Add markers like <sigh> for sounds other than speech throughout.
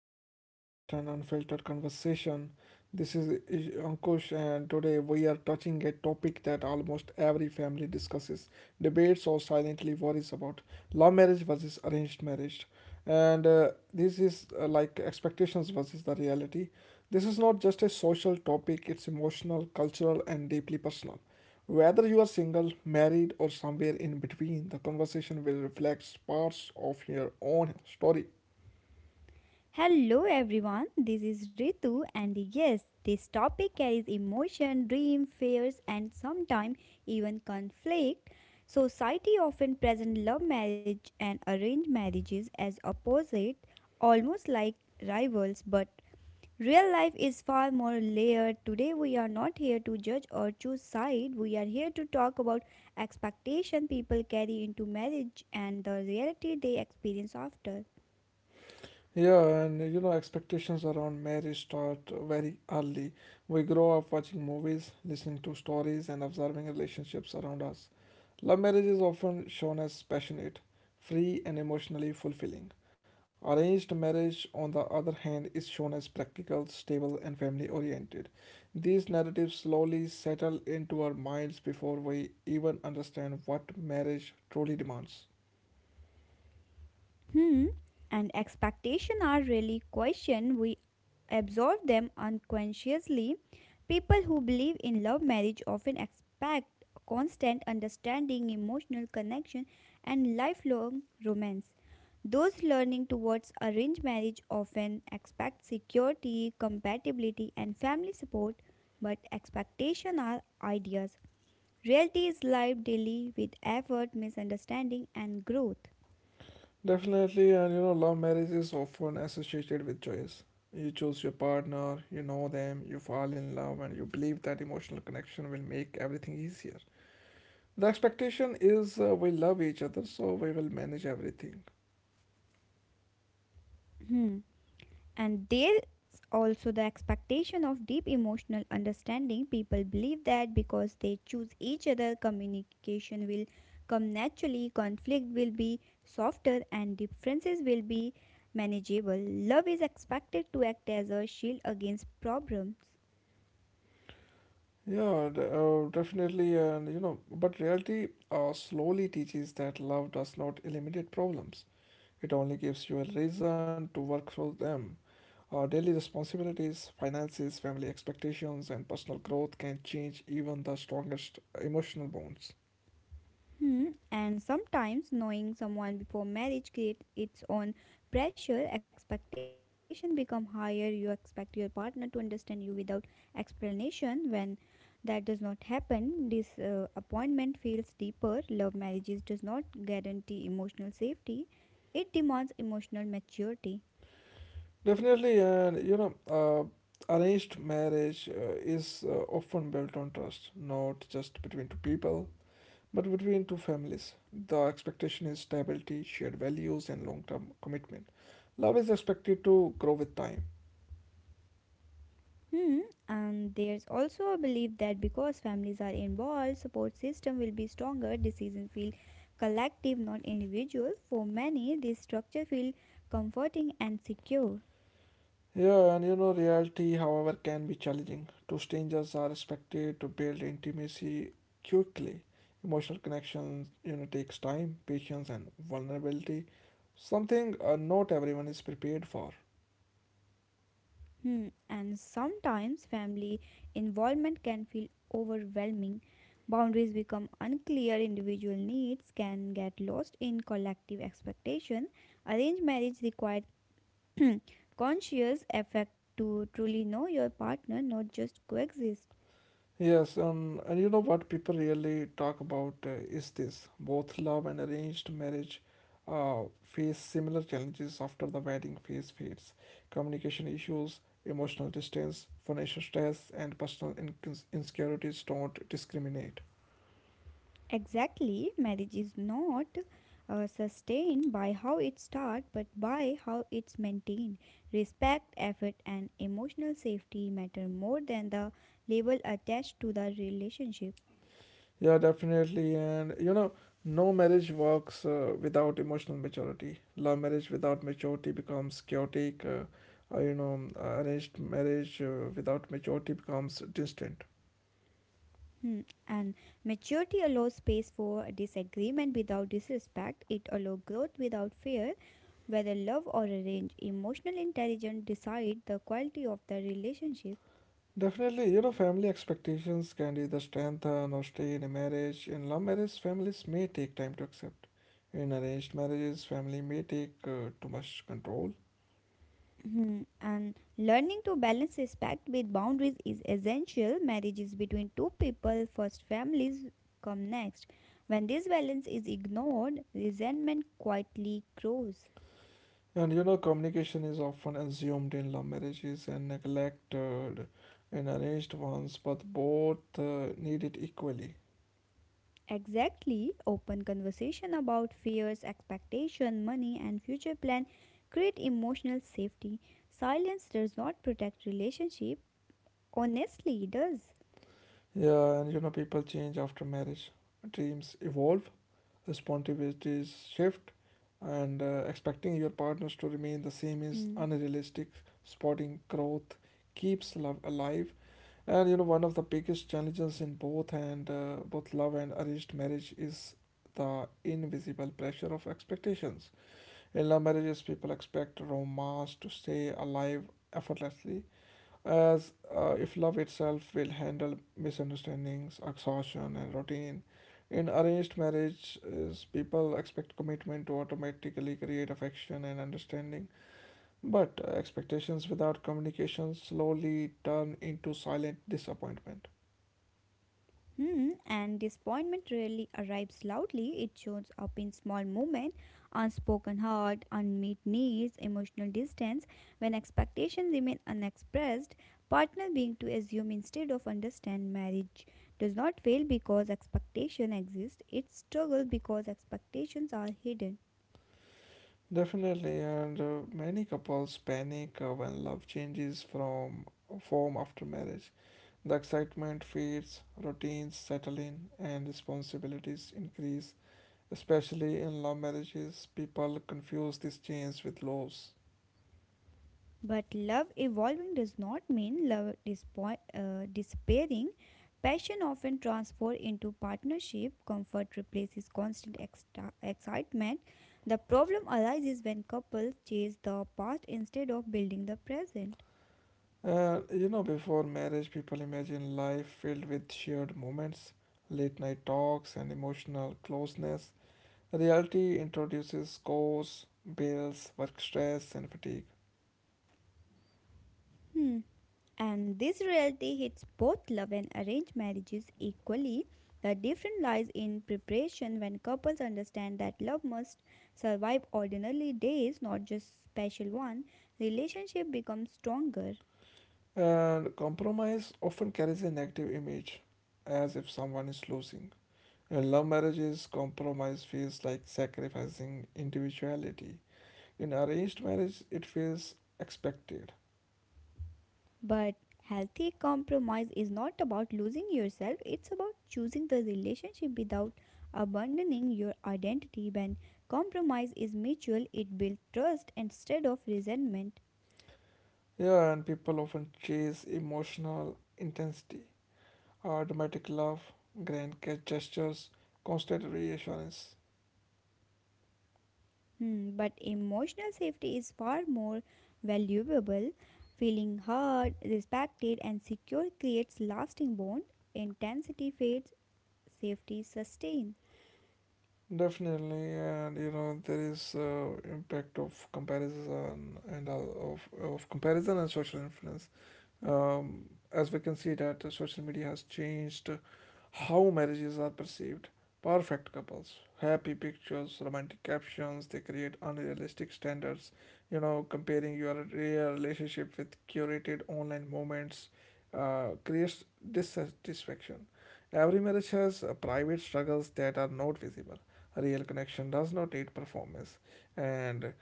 to another honest and unfiltered conversation. This is Ankush, and today we are touching a topic that almost every family discusses, debates, or silently worries about love marriage versus arranged marriage. And this is Like expectations versus the reality. This is not just a social topic, it's emotional, cultural, and deeply personal. Whether you are single, married, or somewhere in between, the conversation will reflect parts of your own story. Hello everyone, this is Ritu, and yes, this topic carries emotion, dream, fears, and sometimes even conflict. Society often presents love marriage and arranged marriages as opposite, almost like rivals, but real life is far more layered. Today, we are not here to judge or choose side. We are here to talk about expectation people carry into marriage and the reality they experience after. Yeah, expectations around marriage start very early. We grow up watching movies, listening to stories, and observing relationships around us. Love marriage is often shown as passionate, free, and emotionally fulfilling. Arranged marriage, on the other hand, is shown as practical, stable, and family oriented. These narratives slowly settle into our minds before we even understand what marriage truly demands. Hmm. And expectations are really questioned. We absorb them unconsciously. People who believe in love marriage often expect constant understanding, emotional connection, and lifelong romance. Those learning towards arranged marriage often expect security, compatibility, and family support, but expectations are ideas. Reality is lived daily with effort, misunderstanding, and growth. Definitely, love marriage is often associated with choice. You choose your partner, you know them, you fall in love, and you believe that emotional connection will make everything easier. The expectation is, we love each other, so we will manage everything. Hmm. And there's also the expectation of deep emotional understanding. People believe that because they choose each other, communication will come naturally, conflict will be softer, and differences will be manageable. Love is expected to act as a shield against problems. Yeah, definitely, but reality slowly teaches that love does not eliminate problems. It only gives you a reason to work through them. Our daily responsibilities, finances, family expectations, and personal growth can change even the strongest emotional bonds. Hmm, and sometimes knowing someone before marriage creates its own pressure. Expectation become higher. You expect your partner to understand you without explanation. When that does not happen, disappointment feels deeper. Love marriages does not guarantee emotional safety. It demands emotional maturity. Definitely, arranged marriage is, often built on trust, not just between two people, but between two families. The expectation is stability, shared values, and long term commitment. Love is expected to grow with time. Hmm. And there's also a belief that because families are involved, support system will be stronger, decisions feel collective, not individual. For many, this structure feel comforting and secure. Yeah, reality, however, can be challenging. Two strangers are expected to build intimacy quickly. Emotional connections, you know, takes time, patience, and vulnerability. Something not everyone is prepared for. Hmm. And sometimes family involvement can feel overwhelming. Boundaries become unclear, individual needs can get lost in collective expectation. Arranged marriage required <clears throat> conscious effect to truly know your partner, not just coexist. Yes, and you know what people really talk about is this. Both love and arranged marriage face similar challenges after the wedding phase fades. Communication issues, emotional distance, financial stress, and personal incons insecurities don't discriminate. Exactly, marriage is not sustained by how it starts but by how it's maintained. Respect, effort, and emotional safety matter more than the label attached to the relationship. Yeah, definitely. No marriage works without emotional maturity. Love marriage without maturity becomes chaotic. Arranged marriage without maturity becomes distant. Hmm, and maturity allows space for disagreement without disrespect. It allows growth without fear. Whether love or arrange, emotional intelligence decide the quality of the relationship. Definitely, family expectations can either strengthen or stay in a marriage. In love marriage, families may take time to accept. In arranged marriages, family may take too much control. Mhm. And learning to balance respect with boundaries is essential. Marriages between two people, first families come next. When this balance is ignored, resentment quietly grows. Communication is often assumed in love marriages and neglected in arranged ones, but both need it equally. Exactly, open conversation about fears, expectation, money, and future plan create emotional safety. Silence does not protect relationship. Honestly, it does. Yeah, people change after marriage, dreams evolve, responsibilities shift, and expecting your partners to remain the same is Hmm. unrealistic. Spotting growth keeps love alive. And you know One of the biggest challenges in both love and arranged marriage is the invisible pressure of expectations. In love marriages, people expect romance to stay alive effortlessly, as if love itself will handle misunderstandings, exhaustion, and routine. In arranged marriages, people expect commitment to automatically create affection and understanding, but expectations without communication slowly turn into silent disappointment. Hmm, and disappointment rarely arrives loudly. It shows up in small moments, unspoken hurt, unmet needs, emotional distance. When expectations remain unexpressed, partner being to assume instead of understand. Marriage does not fail because expectation exists. It struggles because expectations are hidden. Definitely, and many couples panic when love changes from form after marriage. The excitement fades, routines settle in, and responsibilities increase. Especially in love marriages, people confuse this change with loss. But love evolving does not mean love disappearing. Passion often transforms into partnership. Comfort replaces constant excitement. The problem arises when couples chase the past instead of building the present. Before marriage, people imagine life filled with shared moments, late night talks, and emotional closeness. Reality introduces scores, bills, work stress, and fatigue. Hmm. And this reality hits both love and arranged marriages equally. The difference lies in preparation when couples understand that love must survive ordinary days, not just special ones. Relationship becomes stronger. And compromise often carries a negative image, as if someone is losing. In love marriages, compromise feels like sacrificing individuality. In arranged marriage, it feels expected. But healthy compromise is not about losing yourself, it's about choosing the relationship without abandoning your identity. When compromise is mutual, it builds trust instead of resentment. Yeah, and people often chase emotional intensity, or dramatic love, gestures, constant reassurance. Hmm, but emotional safety is far more valuable. Feeling heard, respected, and secure creates lasting bond. Intensity fades, safety sustains. Definitely, and you know there is impact of comparison and social influence. As we can see that social media has changed how marriages are perceived. Perfect couples, happy pictures, romantic captions, they create unrealistic standards. You know, comparing your real relationship with curated online moments creates dissatisfaction. Every marriage has private struggles that are not visible. A real connection does not need performance. And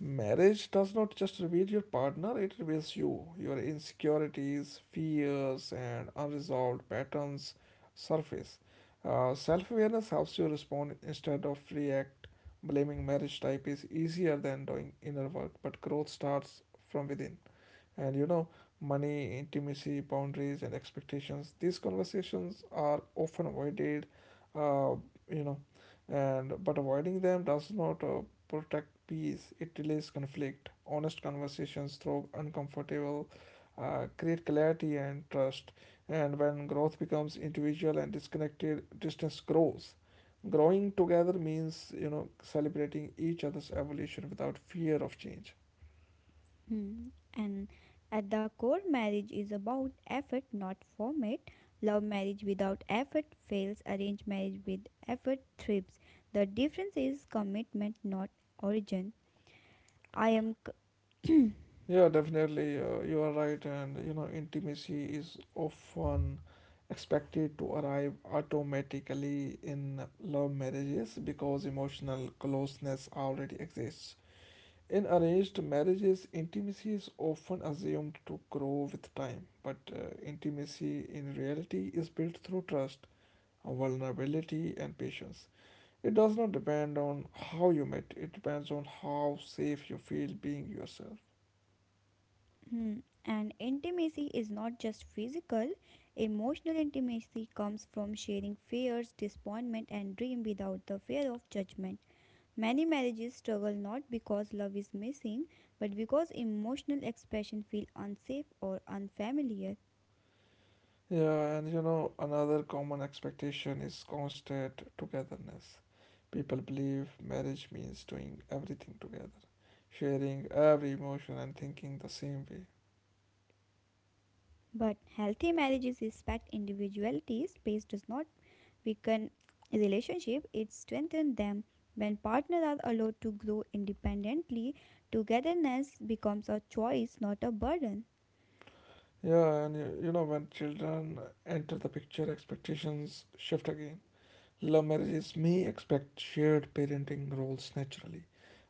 marriage does not just reveal your partner, it reveals you. Your insecurities, fears, and unresolved patterns surface. Self awareness helps you respond instead of react. Blaming marriage type is easier than doing inner work, but growth starts from within. And you know, money, intimacy, boundaries, and expectations, these conversations are often avoided uh, you know and but avoiding them does not protect peace, it delays conflict. Honest conversations through uncomfortable create clarity and trust. And when growth becomes individual and disconnected, distance grows. Growing together means, you know, celebrating each other's evolution without fear of change. Hmm. And at the core, marriage is about effort, not format. Love marriage without effort fails. Arranged marriage with effort thrives. The difference is commitment, not origin. I am. C- Yeah, <clears throat> definitely. You are right, and you know, intimacy is often expected to arrive automatically in love marriages because emotional closeness already exists. In arranged marriages, intimacy is often assumed to grow with time, but intimacy in reality is built through trust, vulnerability, and patience. It does not depend on how you met, it depends on how safe you feel being yourself. Hmm. And intimacy is not just physical. Emotional intimacy comes from sharing fears, disappointment, and dream without the fear of judgment. Many marriages struggle not because love is missing, but because emotional expression feel unsafe or unfamiliar. Yeah, and you know, another common expectation is constant togetherness. People believe marriage means doing everything together, sharing every emotion and thinking the same way. But healthy marriages respect individuality. Space does not weaken relationship, it strengthens them. When partners are allowed to grow independently, togetherness becomes a choice, not a burden. Yeah, you know, when children enter the picture, expectations shift again. Love marriages may expect shared parenting roles naturally.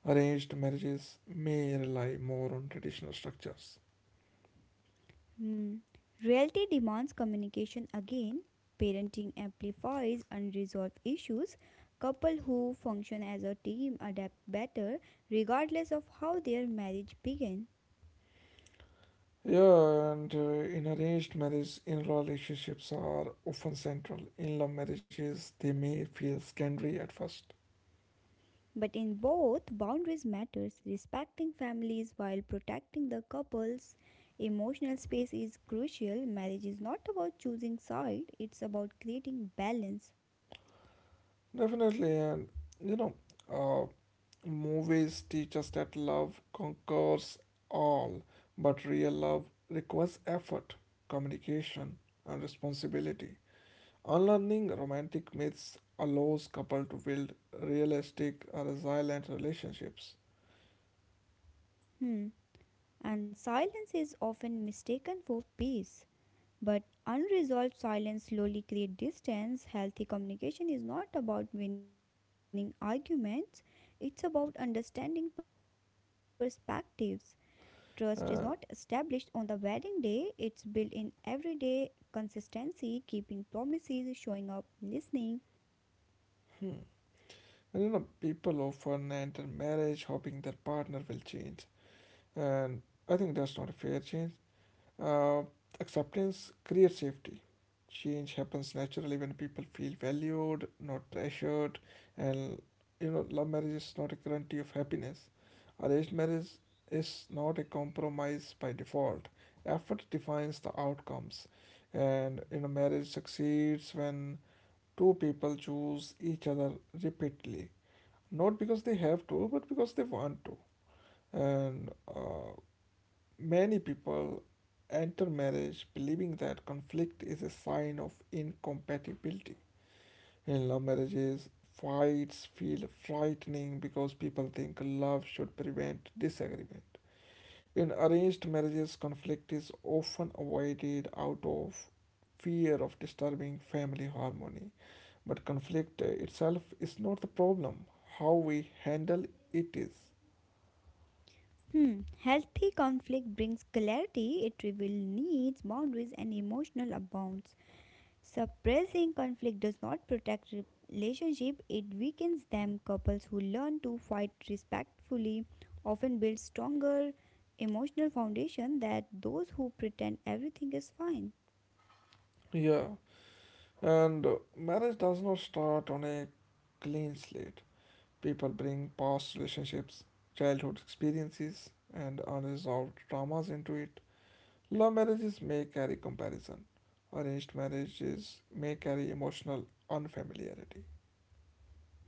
Arranged marriages may rely more on traditional structures. Hmm. Reality demands communication again. Parenting amplifies unresolved issues. Couples who function as a team adapt better regardless of how their marriage began. Yeah, and in arranged marriage, in-law relationships are often central. In-law marriages, they may feel scary at first. But in both, boundaries matters. Respecting families while protecting the couple's emotional space is crucial. Marriage is not about choosing side, it's about creating balance. Definitely, and you know, uh, movies teach us that love conquers all, but real love requires effort, communication, and responsibility. Unlearning romantic myths allows couple to build realistic, resilient relationships. Hmm. And silence is often mistaken for peace. But unresolved silence slowly creates distance. Healthy communication is not about winning arguments, it's about understanding perspectives. Trust is not Uh, established on the wedding day, it's built in everyday consistency, keeping promises, showing up, listening. hmm. And you know, people often enter marriage hoping their partner will change. And I think that's not a fair change. Uh, Acceptance creates safety. Change happens naturally when people feel valued, not pressured. And you know, love marriage is not a guarantee of happiness. Arranged marriage is not a compromise by default. Effort defines the outcomes. And you know, marriage succeeds when two people choose each other repeatedly, not because they have to, but because they want to. And Many people enter marriage believing that conflict is a sign of incompatibility. In love marriages, fights feel frightening because people think love should prevent disagreement. In arranged marriages, conflict is often avoided out of fear of disturbing family harmony. But conflict itself is not the problem, how we handle it is. Hmm. Healthy conflict brings clarity, it reveals needs, boundaries, and emotional abounds. Suppressing conflict does not protect relationship, it weakens them. Couples who learn to fight respectfully often build stronger emotional foundation than those who pretend everything is fine. Yeah, and marriage does not start on a clean slate. People bring past relationships, childhood experiences, and unresolved traumas into it. Love marriages may carry comparison. Arranged marriages may carry emotional unfamiliarity.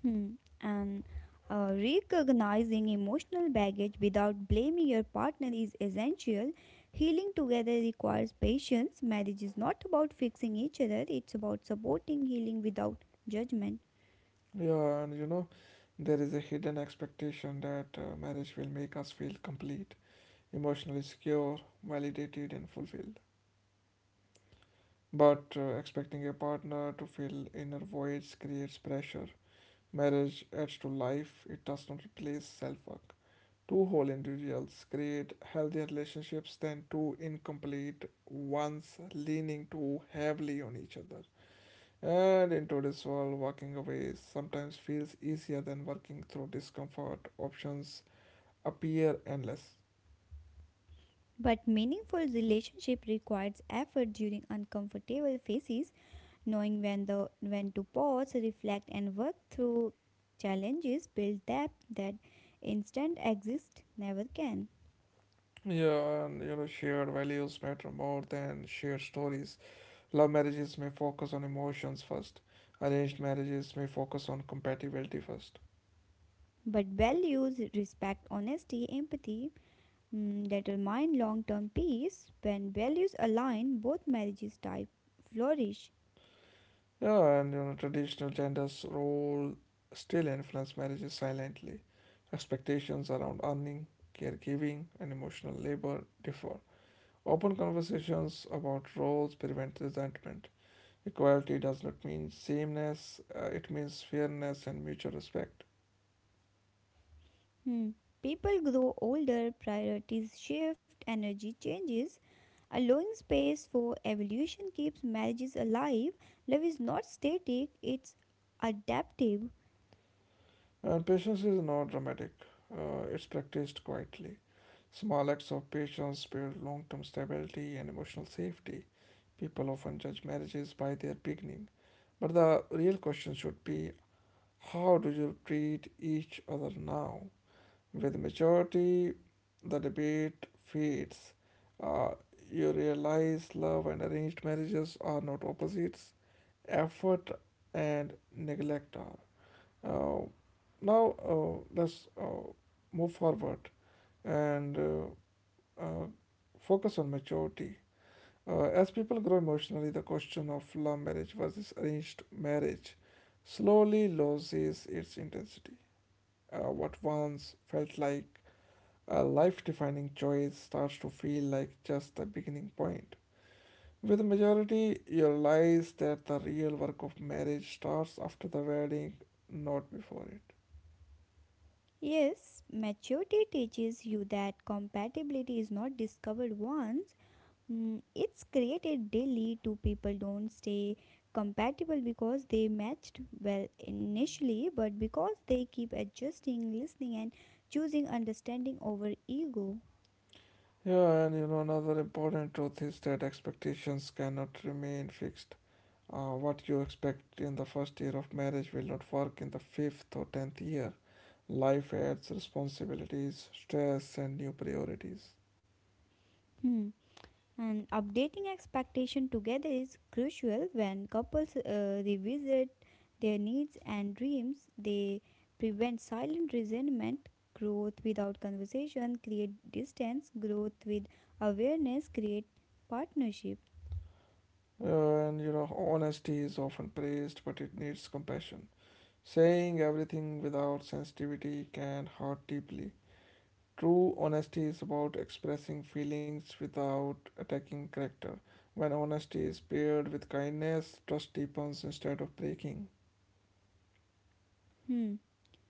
Hmm. And recognizing emotional baggage without blaming your partner is essential. Healing together requires patience. Marriage is not about fixing each other, it's about supporting healing without judgment. Yeah, and you know, there is a hidden expectation that marriage will make us feel complete, emotionally secure, validated, and fulfilled. But expecting a partner to fill inner voids creates pressure. Marriage adds to life, it does not replace self work. Two whole individuals create healthier relationships than two incomplete ones leaning too heavily on each other. And in today's world, walking away sometimes feels easier than working through discomfort. Options appear endless. But meaningful relationship requires effort during uncomfortable phases, knowing when to pause, reflect and work through challenges build depth that instant exist never can. Yeah, and you know, shared values matter more than shared stories. Love marriages may focus on emotions first. Arranged marriages may focus on compatibility first. But values respect honesty, empathy mm, that remind long term peace. When values align, both marriages type flourish. Yeah, and you know, traditional genders role still influence marriages silently. Expectations around earning, caregiving, and emotional labor differ. Open conversations about roles prevent resentment. Equality does not mean sameness, it means fairness and mutual respect. Hmm. People grow older, priorities shift, energy changes. Allowing space for evolution keeps marriages alive. Love is not static, it's adaptive. And patience is not dramatic, it's practiced quietly. Small acts of patience build long term stability and emotional safety. People often judge marriages by their beginning, but the real question should be, how do you treat each other now? With maturity, the debate fades. Uh, you realize love and arranged marriages are not opposites, effort and neglect are. Uh, now, let's move forward and uh, focus on maturity. As people grow emotionally, the question of love marriage versus arranged marriage slowly loses its intensity. What once felt like a life defining choice starts to feel like just the beginning point. With majority, you realize that the real work of marriage starts after the wedding, not before it. Yes, maturity teaches you that compatibility is not discovered once, mm, it's created daily. Two people don't stay compatible because they matched well initially, but because they keep adjusting, listening, and choosing understanding over ego. Yeah, and you know, another important truth is that expectations cannot remain fixed. What you expect in the first year of marriage will not work in the fifth or 10th year. Life adds responsibilities, stress, and new priorities. Hmm. And updating expectation together is crucial when couples revisit their needs and dreams. They prevent silent resentment. Growth without conversation create distance. Growth with awareness create partnership. And you know, honesty is often praised, but it needs compassion. Saying everything without sensitivity can hurt deeply. True honesty is about expressing feelings without attacking character. When honesty is paired with kindness, trust deepens instead of breaking. Hmm.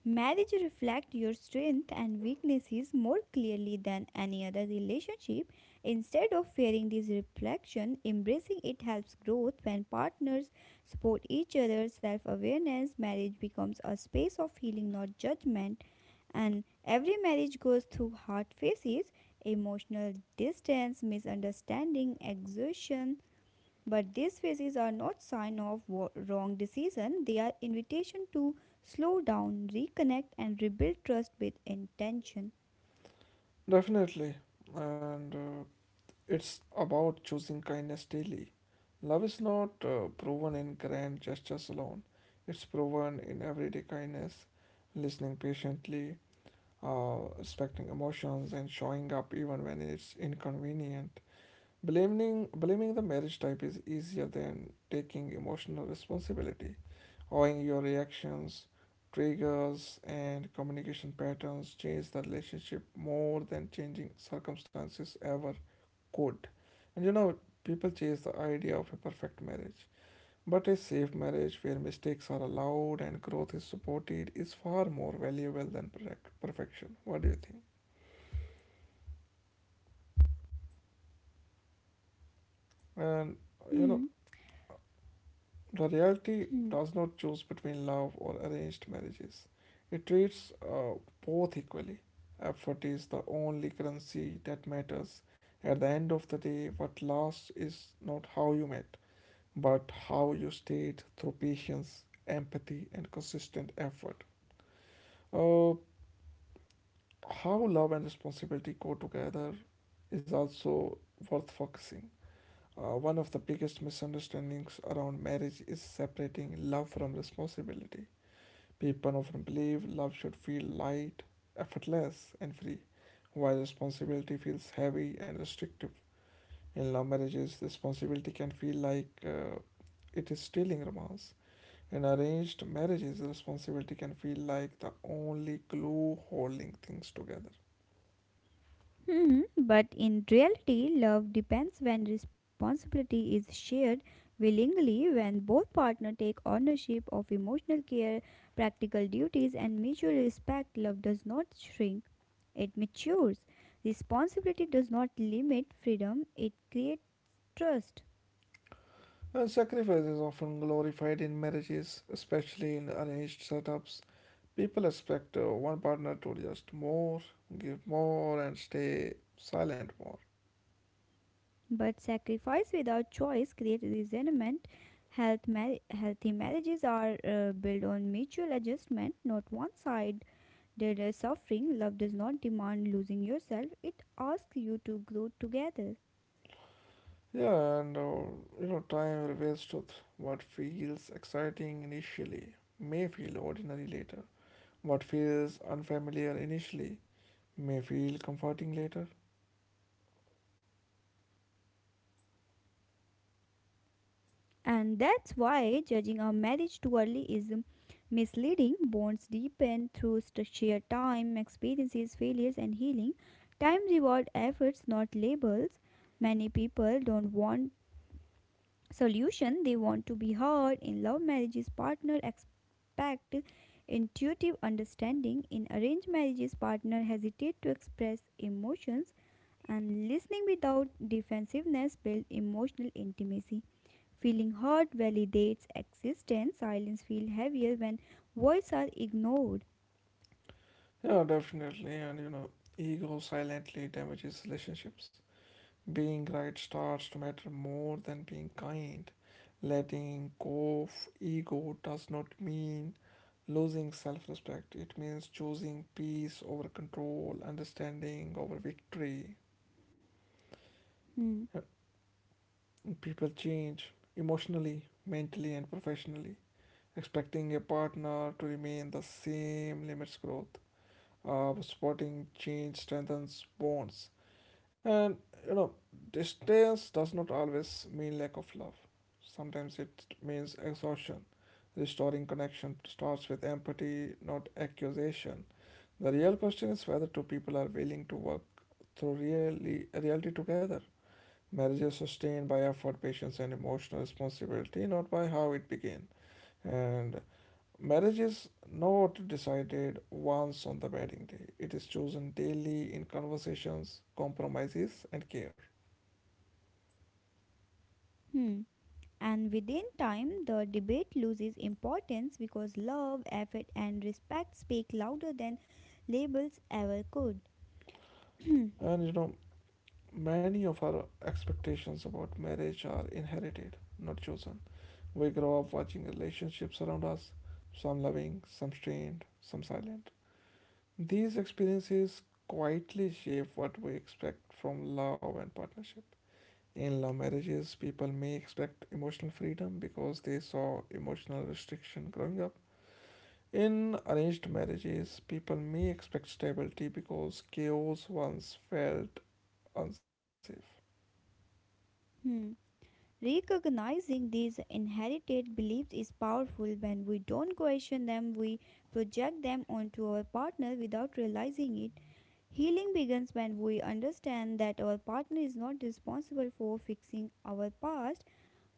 Marriage reflects your strength and weaknesses more clearly than any other relationship. Instead of fearing this reflection, embracing it helps growth when partners support each other. Self-awareness marriage becomes a space of healing, not judgment. And every marriage goes through hard phases, emotional distance, misunderstanding, exhaustion, but these phases are not sign of wrong decision, they are invitation to slow down, reconnect and rebuild trust with intention. Definitely. And It's about choosing kindness daily. Love is not proven in grand gestures alone, it's proven in everyday kindness, listening patiently, respecting emotions, and showing up even when it's inconvenient. Blaming the marriage type is easier than taking emotional responsibility, owing your reactions, triggers, and communication patterns change the relationship more than changing circumstances ever could. And people chase the idea of a perfect marriage. But a safe marriage where mistakes are allowed and growth is supported is far more valuable than perfect perfection. What do you think? And you know, Hmm. the reality Hmm. does not choose between love or arranged marriages. It treats both equally. Effort is the only currency that matters. At the end of the day, what lasts is not how you met, but how you stayed through patience, empathy, and consistent effort. Uh, how love and responsibility go together is also worth focusing. One of the biggest misunderstandings around marriage is separating love from responsibility. People often believe love should feel light, effortless, and free, while responsibility feels heavy and restrictive. In love marriages, responsibility can feel like it is stealing romance. In arranged marriages, responsibility can feel like the only glue holding things together. Hmm. But in reality, love depends when responsibility is shared willingly, when both partners take ownership of emotional care, practical duties, and mutual respect. Love does not shrink, it matures. Responsibility does not limit freedom, it creates trust. And sacrifice is often glorified in marriages, especially in arranged setups. People expect one partner to just more, give more, and stay silent more. But sacrifice without choice creates resentment. Healthy marriages are built on mutual adjustment, not one side did suffering. Love does not demand losing yourself, it asks you to grow together. Yeah, and time reveals truth. What feels exciting initially may feel ordinary later. What feels unfamiliar initially may feel comforting later. And that's why judging a marriage too early is misleading. Bonds deepen through shared time, experiences, failures, and healing. Time reward efforts, not labels. Many people don't want solution, they want to be heard. In love marriages partner expect intuitive understanding, in arranged marriages partner hesitate to express emotions, and listening without defensiveness builds emotional intimacy. Feeling heard validates existence. Silence feels heavier when voices are ignored. Yeah, definitely. And ego silently damages relationships. Being right starts to matter more than being kind. Letting go of ego does not mean losing self respect, it means choosing peace over control, understanding over victory. Hmm. Uh, People change emotionally, mentally, and professionally. Expecting a partner to remain the same limits growth. Supporting change strengthens bonds. And you know, distance does not always mean lack of love. Sometimes it means exhaustion. Restoring connection starts with empathy, not accusation. The real question is whether two people are willing to work through really reality together. Marriage is sustained by effort, patience, and emotional responsibility, not by how it began. And marriage is not decided once on the wedding day. It is chosen daily in conversations, compromises, and care. Hmm. And within time, the debate loses importance because love, effort, and respect speak louder than labels ever could. <clears throat> And many of our expectations about marriage are inherited, not chosen. We grow up watching relationships around us, some loving, some strained, some silent. These experiences quietly shape what we expect from love and partnership. In love marriages, people may expect emotional freedom because they saw emotional restriction growing up. In arranged marriages, people may expect stability because chaos once felt unsafe. Hmm. Recognizing these inherited beliefs is powerful. When we don't question them, we project them onto our partner without realizing it. Healing begins when we understand that our partner is not responsible for fixing our past,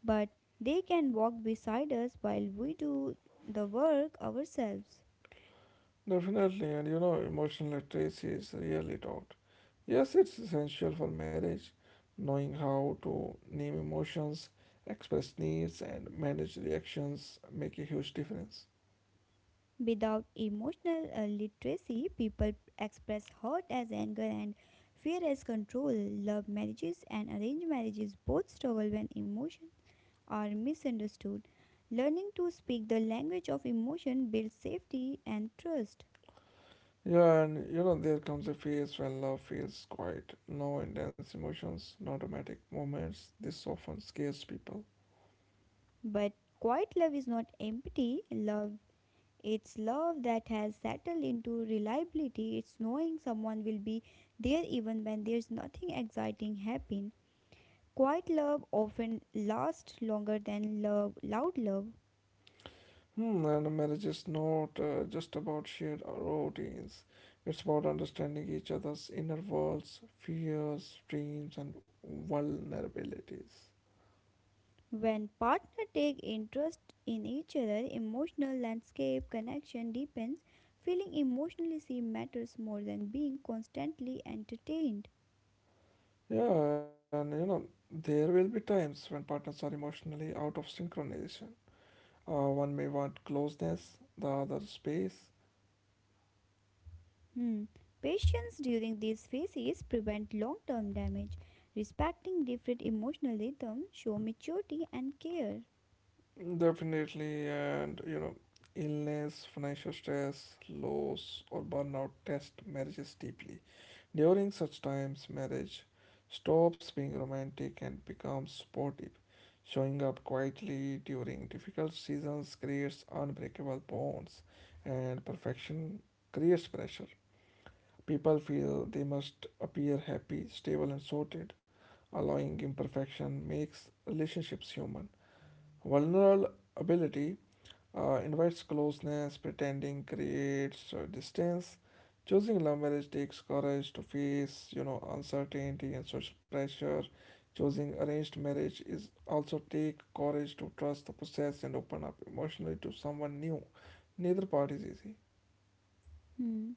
but they can walk beside us while we do the work ourselves. Definitely, and emotional literacy is rarely taught. Yes, it's essential for marriage, knowing how to name emotions, express needs, and manage reactions make a huge difference. Without emotional literacy, people express hurt as anger and fear as control. Love marriages and arranged marriages both struggle when emotions are misunderstood. Learning to speak the language of emotion builds safety and trust. Yeah, and there comes a phase when love feels quiet, no intense emotions, no dramatic moments. This often scares people. But quiet love is not empty. Love It's love that has settled into reliability. It's knowing someone will be there even when there's nothing exciting happen. Quiet love often lasts longer than loud love. Hmm, and marriage is not just about shared routines. It's about understanding each other's inner worlds, fears, dreams, and vulnerabilities. When partners take interest in each other, emotional landscape connection deepens. Feeling emotionally seen matters more than being constantly entertained. Yeah, and there will be times when partners are emotionally out of synchronization. One may want closeness, the other space. Hmm. Patience during these phases prevent long-term damage. Respecting different emotional rhythms show maturity and care. Definitely, and illness, financial stress, loss, or burnout test marriages deeply. During such times, marriage stops being romantic and becomes supportive. Showing up quietly during difficult seasons creates unbreakable bonds, and perfection creates pressure. People feel they must appear happy, stable, and sorted. Allowing imperfection makes relationships human. Vulnerability invites closeness, pretending creates distance. Choosing love marriage takes courage to face, uncertainty and social pressure. Choosing arranged marriage is also take courage to trust the process and open up emotionally to someone new. Neither part is easy. Hmm.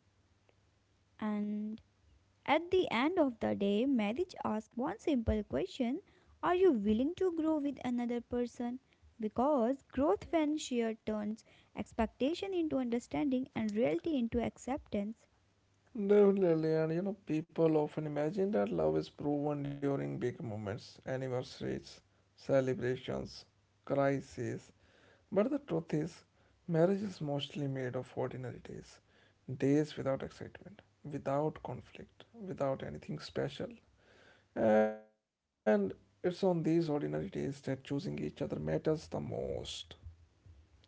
And at the end of the day, marriage asks one simple question: are you willing to grow with another person? Because growth when shared turns expectation into understanding and reality into acceptance. Definitely, and people often imagine that love is proven during big moments, anniversaries, celebrations, crises. But the truth is, marriage is mostly made of ordinary days. Days without excitement, without conflict, without anything special. And it's on these ordinary days that choosing each other matters the most.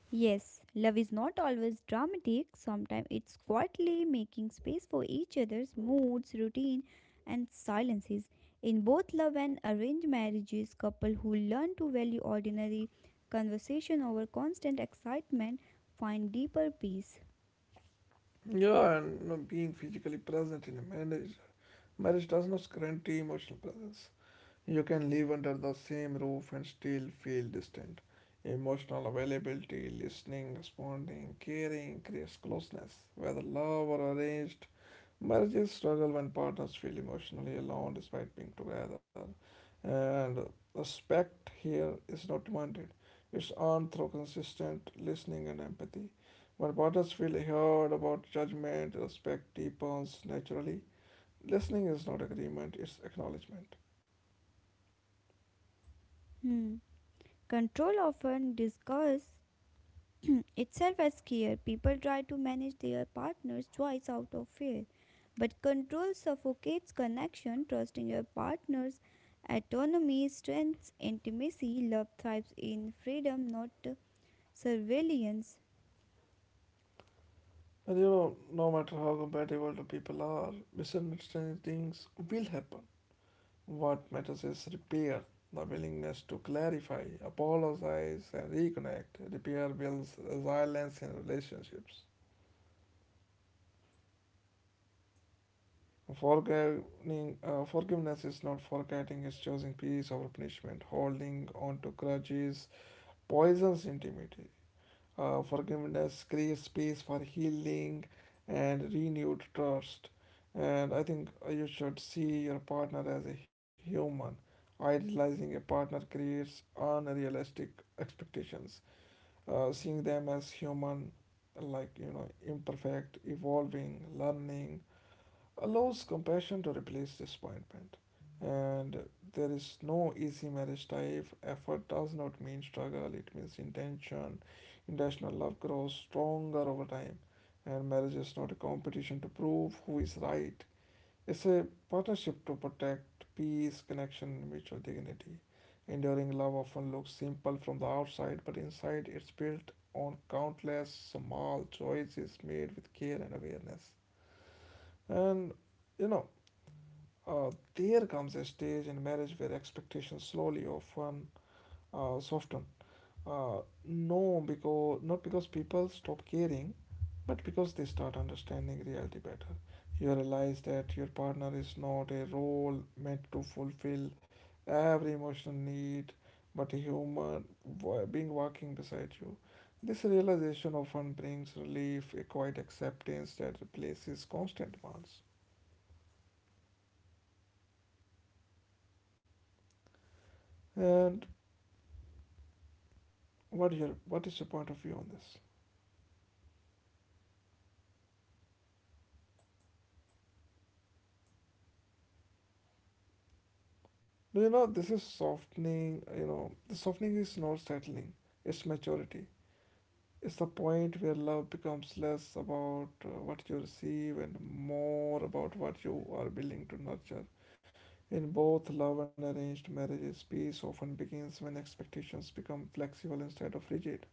Yes, love is not always dramatic. Sometimes it's quietly making space for each other's moods, routine, and silences. In both love and arranged marriages, couples who learn to value ordinary conversation over constant excitement find deeper peace. Yeah, and being physically present in a marriage does not guarantee emotional presence. You can live under the same roof and still feel distant. Emotional availability, listening, responding, caring creates closeness, whether love or arranged. Marriages struggle when partners feel emotionally alone despite being together. And respect here is not demanded, it's earned through consistent listening and empathy. When partners feel heard about judgment, respect deepens naturally. Listening is not agreement, it's acknowledgement. Hmm. Control often disguises <clears throat> itself as care. People try to manage their partner's choice out of fear, but control suffocates connection. Trust in your partner's autonomy strengthens intimacy. Love thrives in freedom, not surveillance. And no matter how compatible the people are, misunderstandings will happen. What matters is repair, the willingness to clarify, apologize, and reconnect. Repair builds resilience in relationships. Forgiving, forgiveness is not forgetting, it's choosing peace over punishment. Holding on to grudges poisons intimacy. Forgiveness creates space for healing and renewed trust. And I think you should see your partner as a human. Idealizing a partner creates unrealistic expectations. Seeing them as human, like, imperfect, evolving, learning, allows compassion to replace disappointment. And there is no easy marriage type. Effort does not mean struggle, it means intention. Intentional love grows stronger over time. And marriage is not a competition to prove who is right, it's a partnership to protect peace, connection, and mutual dignity. Enduring love often looks simple from the outside, but inside it's built on countless small choices made with care and awareness. And you know, there comes a stage in marriage where expectations slowly often soften. Uh, no, because not because people stop caring, but because they start understanding reality better. You realize that your partner is not a role meant to fulfill every emotional need, but a human being walking beside you. This realization often brings relief, a quiet acceptance that replaces constant demands. And what is your point of view on this? No, this is softening. You know, the softening is not settling, it's maturity. It's the point where love becomes less about what you receive and more about what you are willing to nurture. In both love and arranged marriages, peace often begins when expectations become flexible instead of rigid.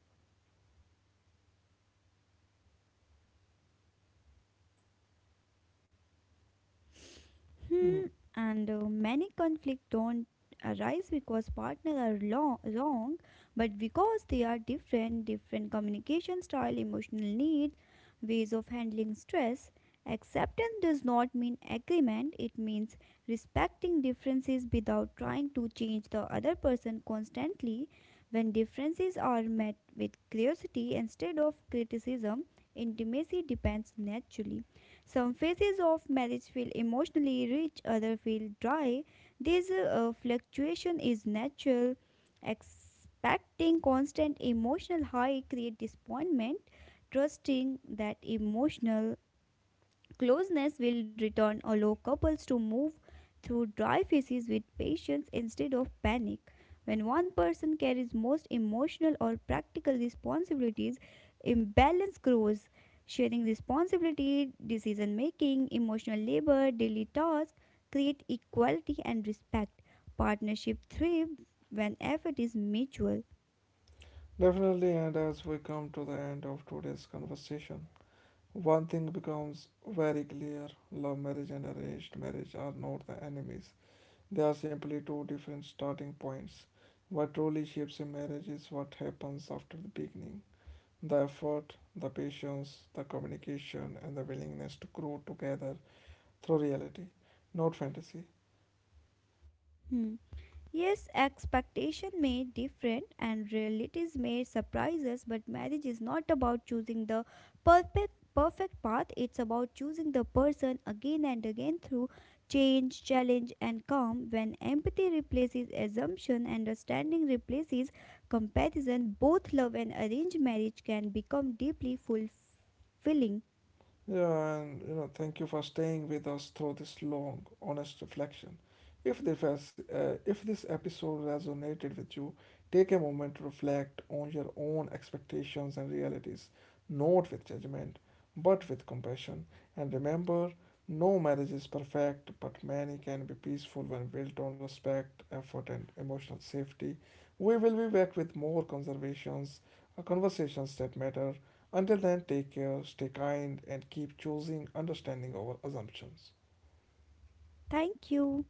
Mm, Hmm, and many conflict don't arise because partners are wrong, but because they are different, different communication style, emotional needs, ways of handling stress. Acceptance does not mean agreement, it means respecting differences without trying to change the other person constantly. When differences are met with curiosity instead of criticism, intimacy depends naturally. Some phases of marriage feel emotionally rich, others feel dry. This fluctuation is natural. Expecting constant emotional high create disappointment. Trusting that emotional closeness will return, allow couples to move through dry phases with patience instead of panic. When one person carries most emotional or practical responsibilities, imbalance grows. Sharing responsibility, decision making, emotional labor, daily tasks create equality and respect. Partnership thrives when effort is mutual. definitely, and as we come to the end of today's conversation, one thing becomes very clear: love marriage and arranged marriage are not the enemies. They are simply two different starting points. What truly shapes a marriage is what happens after the beginning, the effort, the patience, the communication, and the willingness to grow together through reality, not fantasy. Hmm. Yes, expectation may different and realities may surprise us, but marriage is not about choosing the perfect path. It's about choosing the person again and again through change, challenge and calm. When empathy replaces assumption, understanding replaces comparison, both love and arranged marriage can become deeply fulfilling. Yeah, and thank you for staying with us through this long, honest reflection. If this, has- if this episode resonated with you, take a moment to reflect on your own expectations and realities, not with judgment, but with compassion. And remember, no marriage is perfect, but many can be peaceful when built on respect, effort, and emotional safety. We will be back with more conversations that matter. Until then, take care, stay kind, and keep choosing understanding over assumptions. Thank you.